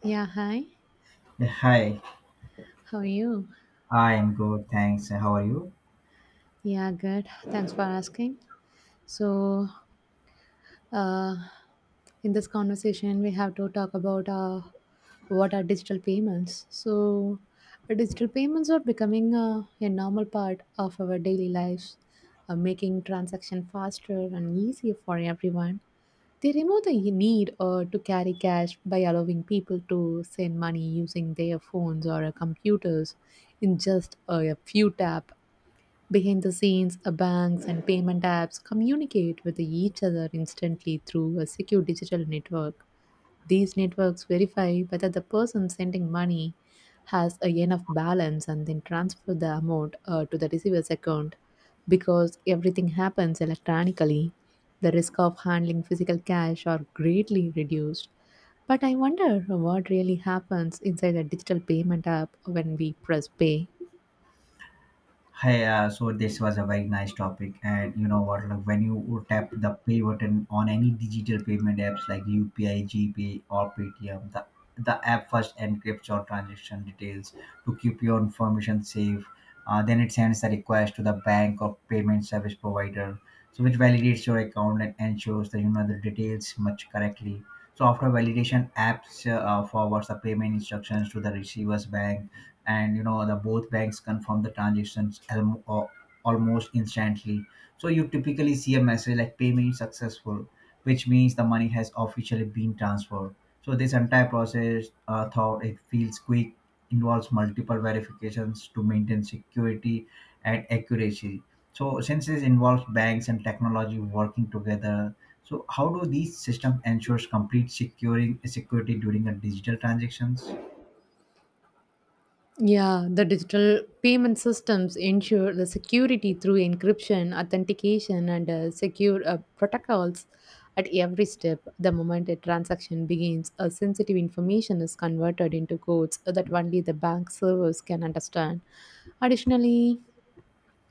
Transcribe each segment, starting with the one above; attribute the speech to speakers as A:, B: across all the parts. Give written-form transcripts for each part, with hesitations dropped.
A: Yeah, hi.
B: Yeah, hi.
A: How are you?
B: I'm good, thanks. How are you?
A: Yeah, good. Thanks for asking. So, uh, in this conversation, we have to talk about what are digital payments. Digital payments are becoming a normal part of our daily lives, making transaction faster and easier for everyone. They remove the need to carry cash by allowing people to send money using their phones or computers in just a few tap. Behind the scenes, banks and payment apps communicate with each other instantly through a secure digital network. These networks verify whether the person sending money has a enough balance and then transfer the amount to the receiver's account. Because everything happens electronically, the risk of handling physical cash are greatly reduced. But I wonder what really happens inside a digital payment app when we press pay.
B: Hey, so this was a very nice topic, and you know what? Like when you would tap the pay button on any digital payment apps like UPI, GPay, or Paytm, the app first encrypts your transaction details to keep your information safe. Then it sends the request to the bank or payment service provider, so which validates your account and ensures that you know the details much correctly. So after validation, apps forwards the payment instructions to the receiver's bank, and you know the both banks confirm the transactions almost instantly, so you typically see a message like payment successful, which means the money has officially been transferred. So this entire process, thought it feels quick, involves multiple verifications to maintain security and accuracy. So since this involves banks and technology working together, so how do these systems ensures complete securing security during a digital transactions?
A: Yeah, the digital payment systems ensure the security through encryption, authentication, and secure protocols at every step. The moment a transaction begins, a sensitive information is converted into codes that only the bank servers can understand. Additionally,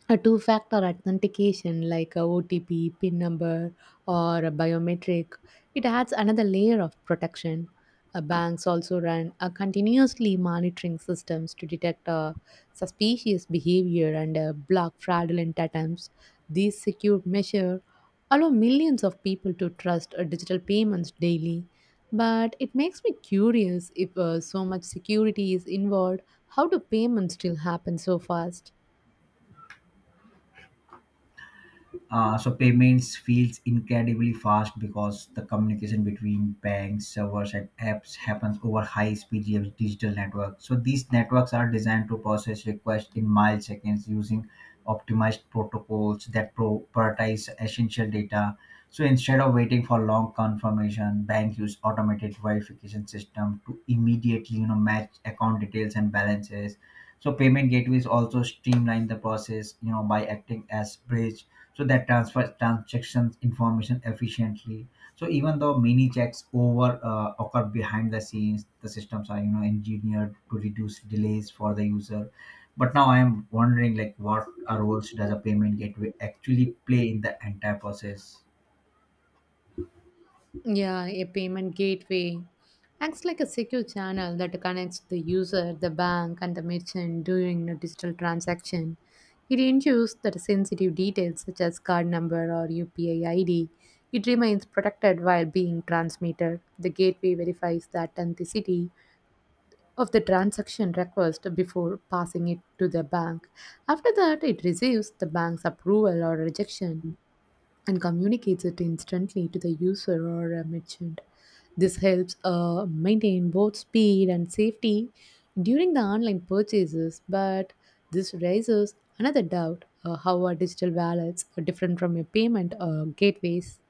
A: a two factor authentication like a OTP, PIN number, or a biometric, it adds another layer of protection. Banks also run a continuously monitoring systems to detect suspicious behavior and block fraudulent attempts. These secure measures allow millions of people to trust digital payments daily. But it makes me curious if so much security is involved, how do payments still happen so fast?
B: So payments feels incredibly fast because the communication between banks, servers, and apps happens over high-speed digital networks. So these networks are designed to process requests in milliseconds using optimized protocols that prioritize essential data. So instead of waiting for long confirmation, banks use automated verification system to immediately you know match account details and balances. So payment gateways also streamline the process, you know, by acting as bridge, so that transfers transactions information efficiently. So even though many checks over occur behind the scenes, the systems are you know engineered to reduce delays for the user. But now I am wondering like what roles does a payment gateway actually play in the entire process?
A: Yeah, a payment gateway acts like a secure channel that connects the user, the bank, and the merchant during a digital transaction. It ensures that sensitive details such as card number or UPI ID it remains protected while being transmitted. The gateway verifies the authenticity of the transaction request before passing it to the bank. After that, it receives the bank's approval or rejection and communicates it instantly to the user or a merchant. This helps maintain both speed and safety during the online purchases, but this raises another doubt how are digital wallets different from your payment gateways?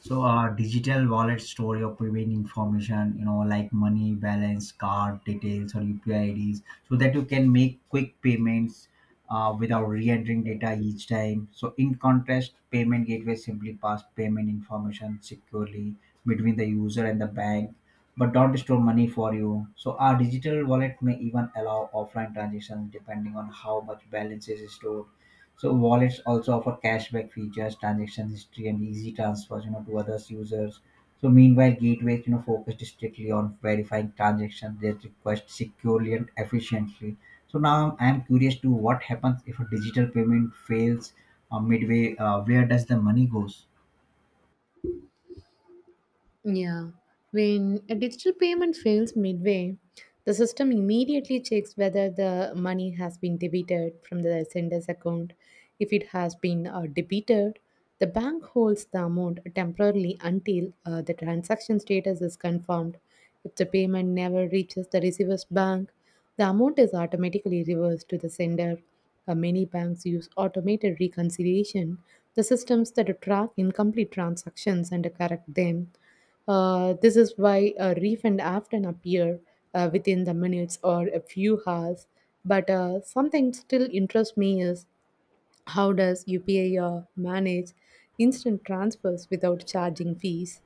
B: So, digital wallet store your private information, you know, like money, balance, card details, or UPI IDs, so that you can make quick payments without re-entering data each time. So, in contrast, payment gateway simply pass payment information securely between the user and the bank, but don't store money for you. So, our digital wallet may even allow offline transactions depending on how much balance is stored. So wallets also offer cashback features, transaction history, and easy transfers, you know, to other users. So meanwhile, gateways, you know, focused strictly on verifying transactions, they request securely and efficiently. So now I am curious to what happens if a digital payment fails midway. Where does the money goes?
A: Yeah, when a digital payment fails midway, the system immediately checks whether the money has been debited from the sender's account. If it has been debited, the bank holds the amount temporarily until the transaction status is confirmed. If the payment never reaches the receiver's bank, the amount is automatically reversed to the sender. Many banks use automated reconciliation, the systems that track incomplete transactions and correct them. This is why a refund often appear within the minutes or a few hours. But something still interests me is how does UPI manage instant transfers without charging fees?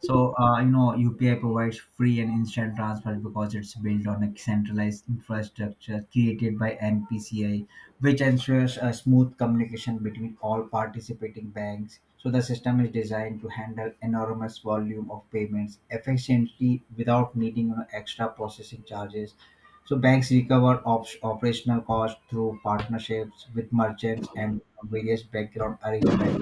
B: So, you know, UPI provides free and instant transfer because it's built on a centralized infrastructure created by NPCI, which ensures a smooth communication between all participating banks. So, the system is designed to handle enormous volume of payments efficiently without needing you know, extra processing charges. So, banks recover operational costs through partnerships with merchants and various background arrangements.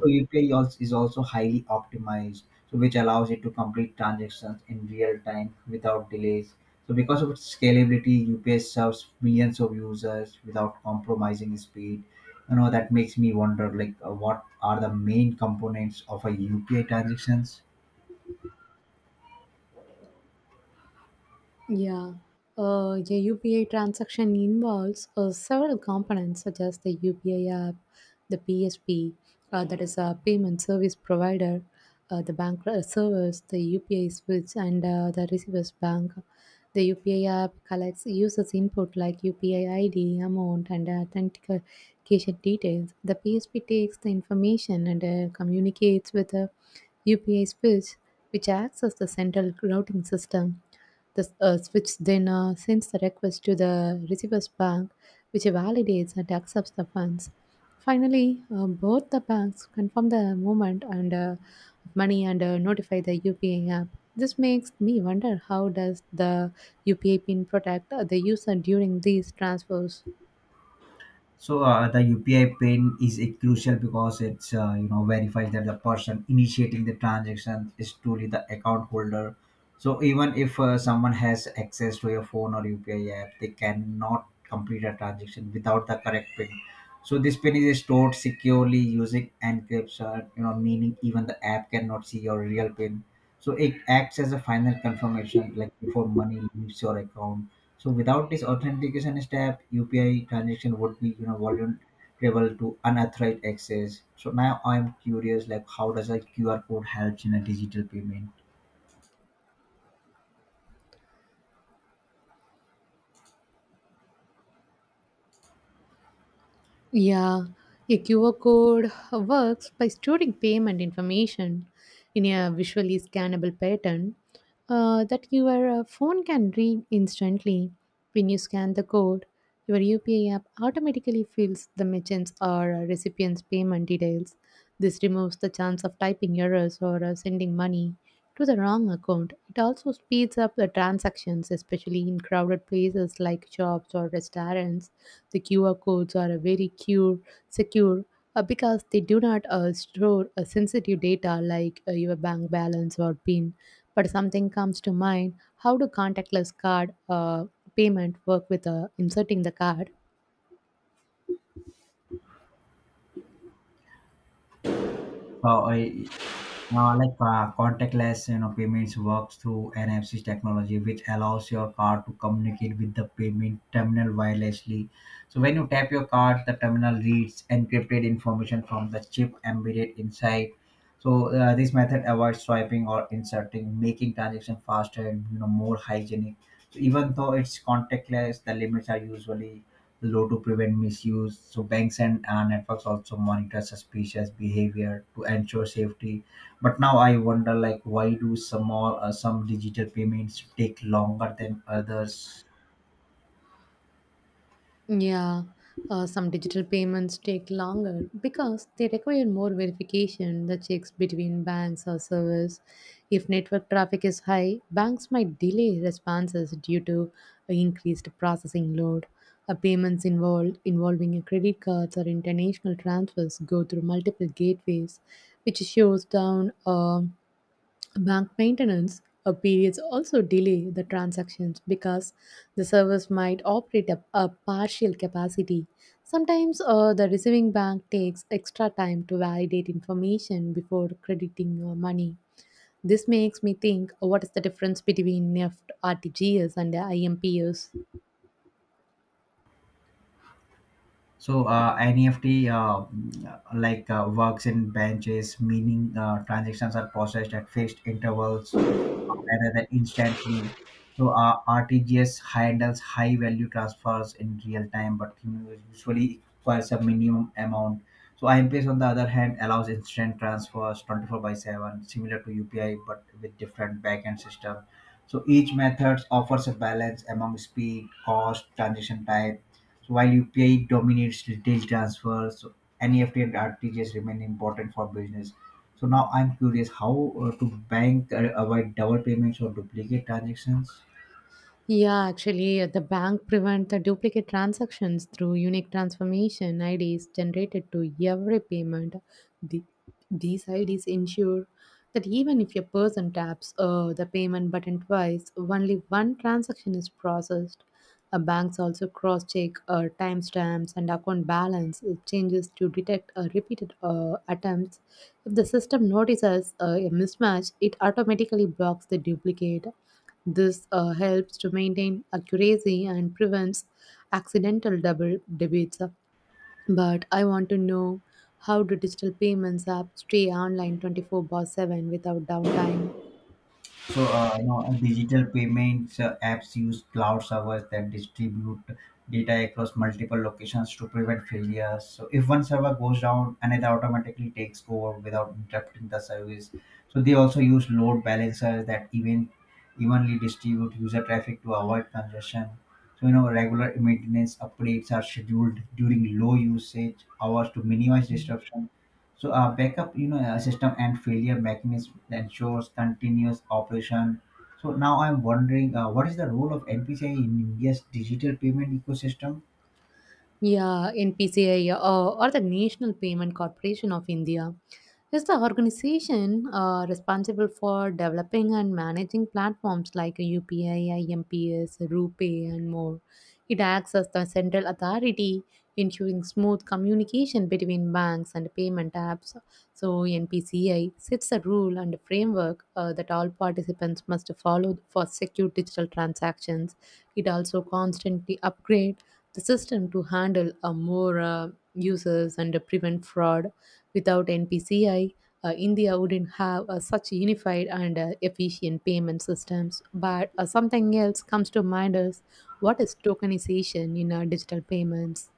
B: So UPI is also highly optimized, so which allows it to complete transactions in real time without delays. So because of its scalability, UPI serves millions of users without compromising speed. You know that makes me wonder, like, what are the main components of a UPI transactions?
A: Yeah. A UPI transaction involves several components such as the UPI app, the PSP, that is a payment service provider, the bank servers, the UPI switch, and the receiver's bank. The UPI app collects users' input like UPI ID, amount, and authentication details. The PSP takes the information and communicates with the UPI switch, which acts as the central routing system. The switch then sends the request to the receiver's bank, which validates and accepts the funds. Finally, both the banks confirm the movement and money and notify the UPI app. This makes me wonder how does the UPI pin protect the user during these transfers?
B: So the UPI pin is a crucial because it's you know verifies that the person initiating the transaction is truly the account holder. So even if someone has access to your phone or UPI app, they cannot complete a transaction without the correct pin. So this pin is stored securely using encryption, you know, meaning even the app cannot see your real pin. So it acts as a final confirmation, like before money leaves your account. So without this authentication step, UPI transaction would be you know vulnerable to unauthorized access. So now I'm curious, like how does a QR code helps in a digital payment?
A: Yeah, a QR code works by storing payment information in a visually scannable pattern that your phone can read instantly. When you scan the code, your UPI app automatically fills the merchant's or recipient's payment details. This removes the chance of typing errors or sending money to the wrong account. It also speeds up the transactions, especially in crowded places like shops or restaurants. The QR codes are a secure because they do not store sensitive data like your bank balance or PIN. But something comes to mind: how do contactless card payment work with inserting the card?
B: I, like Contactless you know payments works through NFC technology, which allows your card to communicate with the payment terminal wirelessly. So when you tap your card, the terminal reads encrypted information from the chip embedded inside. So this method avoids swiping or inserting, making transaction faster and you know more hygienic. So, even though it's contactless, the limits are usually low to prevent misuse. So banks and networks also monitor suspicious behavior to ensure safety. But now I wonder, like, why do some digital payments take longer than others?
A: Yeah, some digital payments take longer because they require more verification, the checks between banks or servers. If network traffic is high, banks might delay responses due to increased processing load. Payments involved involving credit cards or international transfers go through multiple gateways, which shows down Bank maintenance periods also delay the transactions because the servers might operate at a partial capacity. Sometimes the receiving bank takes extra time to validate information before crediting money. This makes me think what is the difference between NEFT, RTGS, and the IMPS?
B: So NFT works in branches, meaning transactions are processed at fixed intervals rather than instantly. So RTGS handles high value transfers in real time, but you know, usually requires a minimum amount. So IMPS on the other hand allows instant transfers 24 by 7, similar to UPI but with different backend system. So each method offers a balance among speed, cost, transaction type. So while UPI dominates retail transfers, so NEFT and RTGS remain important for business. So now I'm curious how to bank avoid double payments or duplicate transactions.
A: The bank prevent the duplicate transactions through unique transformation IDs generated to every payment. The, these IDs ensure that even if a person taps the payment button twice, only one transaction is processed. Banks also cross-check timestamps and account balance changes to detect repeated attempts if the system notices a mismatch, it automatically blocks the duplicate. This helps to maintain accuracy and prevents accidental double debits. But I want to know how do digital payments apps stay online 24 by 7 without downtime?
B: So, you know, digital payments apps use cloud servers that distribute data across multiple locations to prevent failures. So, if one server goes down, another automatically takes over without interrupting the service. So, they also use load balancers that evenly distribute user traffic to avoid congestion. So, you know, regular maintenance updates are scheduled during low usage hours to minimize disruption. So a backup, you know, system and failure mechanism that ensures continuous operation. So now I'm wondering, what is the role of NPCI in India's digital payment ecosystem?
A: Yeah, NPCI or the National Payment Corporation of India is the organization responsible for developing and managing platforms like UPI, IMPS, RuPay, and more. It acts as the central authority, ensuring smooth communication between banks and payment apps. So, NPCI sets a rule and a framework that all participants must follow for secure digital transactions. It also constantly upgrades the system to handle more users and prevent fraud. Without NPCI, India wouldn't have such unified and efficient payment systems. But something else comes to mind is what is tokenization in digital payments?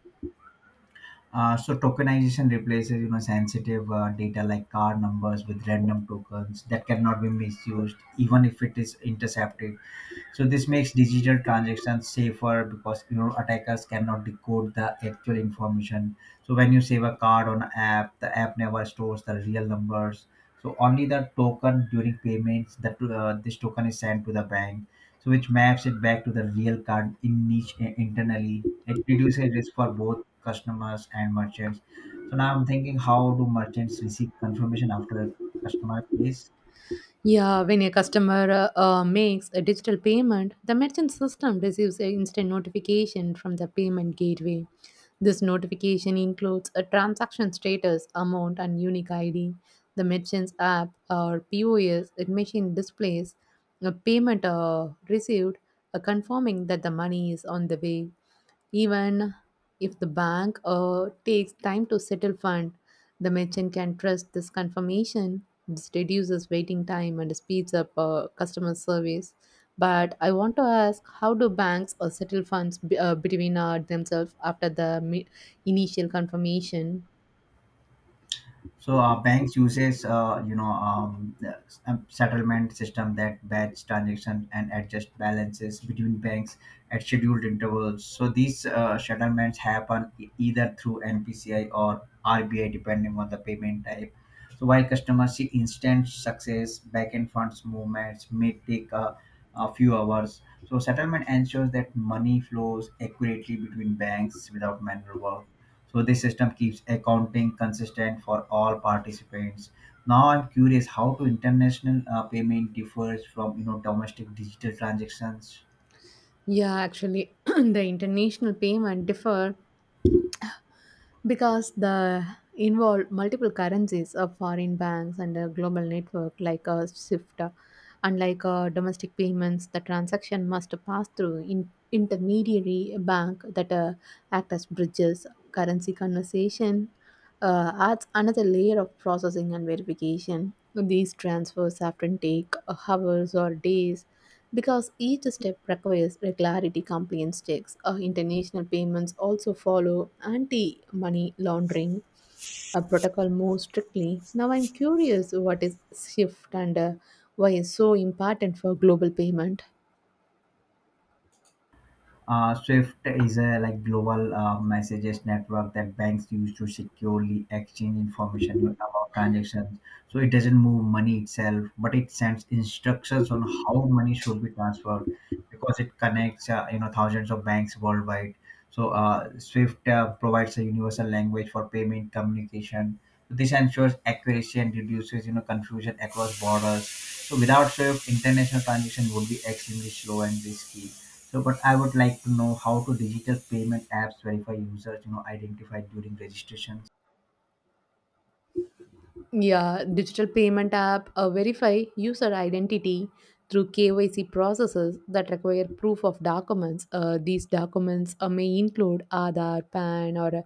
B: So tokenization replaces, you know, sensitive data like card numbers with random tokens that cannot be misused, even if it is intercepted. So this makes digital transactions safer because you know attackers cannot decode the actual information. So when you save a card on an app, the app never stores the real numbers. So only the token during payments, that this token is sent to the bank, so which maps it back to the real card in internally. It reduces risk for both customers and merchants. So now I'm thinking, how do merchants receive confirmation after a customer pays?
A: Yeah, when a customer makes a digital payment, the merchant system receives an instant notification from the payment gateway. This notification includes a transaction status, amount, and unique ID. The merchant's app or POS it machine displays a payment received, confirming that the money is on the way. Even if the bank takes time to settle fund, the merchant can trust this confirmation. This reduces waiting time and speeds up customer service. But I want to ask, how do banks settle funds between themselves after the initial confirmation?
B: So banks uses settlement system that batch transaction and adjust balances between banks at scheduled intervals. So these settlements happen either through NPCI or RBI depending on the payment type. So while customers see instant success, backend funds movements may take a few hours. So settlement ensures that money flows accurately between banks without manual work. So this system keeps accounting consistent for all participants. Now I'm curious how to international payment differs from you know domestic digital transactions.
A: The international payment differ because the involve multiple currencies of foreign banks and a global network like a SWIFT. Unlike domestic payments, the transaction must pass through in intermediary bank that act as bridges. Currency conversation adds another layer of processing and verification. These transfers often take hours or days because each step requires regularity, compliance checks, international payments also follow anti money laundering a protocol more strictly. Now, I'm curious what is SWIFT and why it's so important for global payment.
B: SWIFT is a like global messages network that banks use to securely exchange information about transactions. So it doesn't move money itself, but it sends instructions on how money should be transferred because it connects you know thousands of banks worldwide. So SWIFT provides a universal language for payment communication. So this ensures accuracy and reduces you know confusion across borders. So without SWIFT, international transaction would be extremely slow and risky. So, but I would like to know how to digital payment apps verify users, you know, identified during registration.
A: Yeah, digital payment app verify user identity through KYC processes that require proof of documents. These documents may include Aadhaar, PAN, or a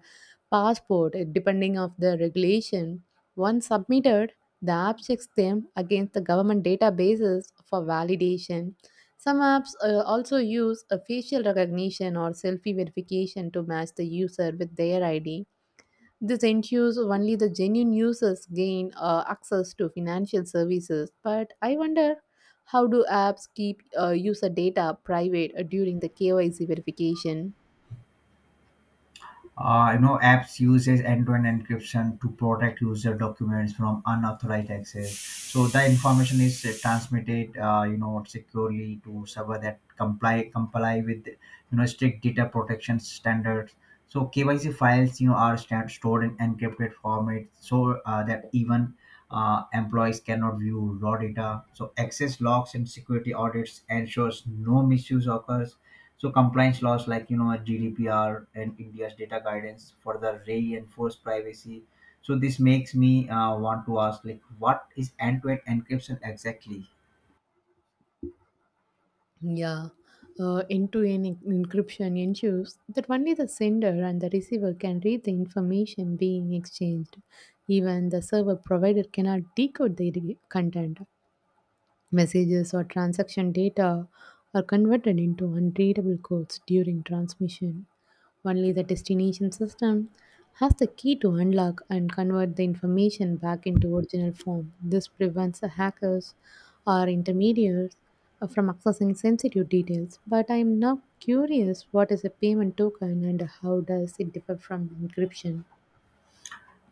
A: passport, depending of the regulation. Once submitted, the app checks them against the government databases for validation. Some apps also use a facial recognition or selfie verification to match the user with their ID. This ensures only the genuine users gain access to financial services, but I wonder how do apps keep user data private during the KYC verification?
B: You know, apps uses end-to-end encryption to protect user documents from unauthorized access. So the information is transmitted, you know, securely to server that comply with, you know, strict data protection standards. So KYC files, you know, are stored in encrypted format, so that even employees cannot view raw data. So access logs and security audits ensures no misuse occurs. So compliance laws like you know GDPR and India's data guidance further reinforce privacy. So this makes me want to ask like what is end-to-end encryption exactly?
A: Yeah, end-to-end encryption ensures that only the sender and the receiver can read the information being exchanged. Even the server provider cannot decode the content. Messages or transaction data are converted into unreadable codes during transmission. Only the destination system has the key to unlock and convert the information back into original form. This prevents the hackers or intermediaries from accessing sensitive details. But I am now curious what is a payment token and how does it differ from encryption?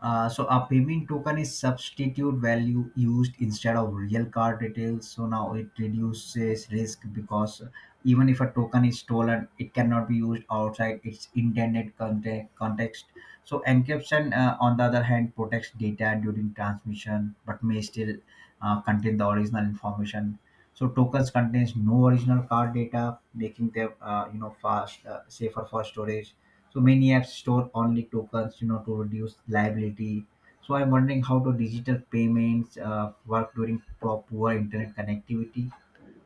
B: So a payment token is substitute value used instead of real card details. So now it reduces risk because even if a token is stolen, it cannot be used outside its intended context. So encryption, on the other hand, protects data during transmission, but may still contain the original information. So tokens contains no original card data, making them you know fast safer for storage. So many apps store only tokens, you know, to reduce liability. So I'm wondering how do digital payments work during poor internet connectivity?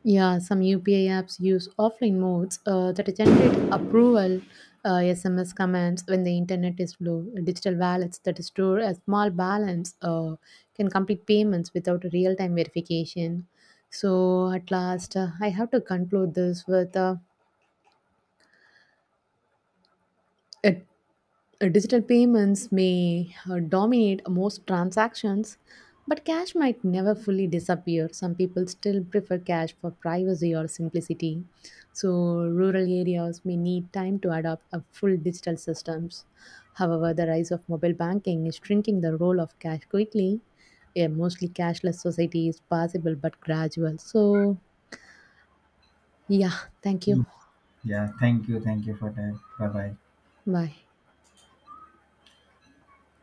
A: Yeah, some UPI apps use offline modes that generate approval SMS commands when the internet is low. Digital wallets that store a small balance can complete payments without real time verification. I have to conclude this with a Digital payments may dominate most transactions, but cash might never fully disappear. Some people still prefer cash for privacy or simplicity. So, rural areas may need time to adopt a full digital systems. However, the rise of mobile banking is shrinking the role of cash quickly. A mostly cashless society is possible but gradual. So, yeah, thank you.
B: Mm. Yeah, thank you for that. Bye bye.
A: Bye.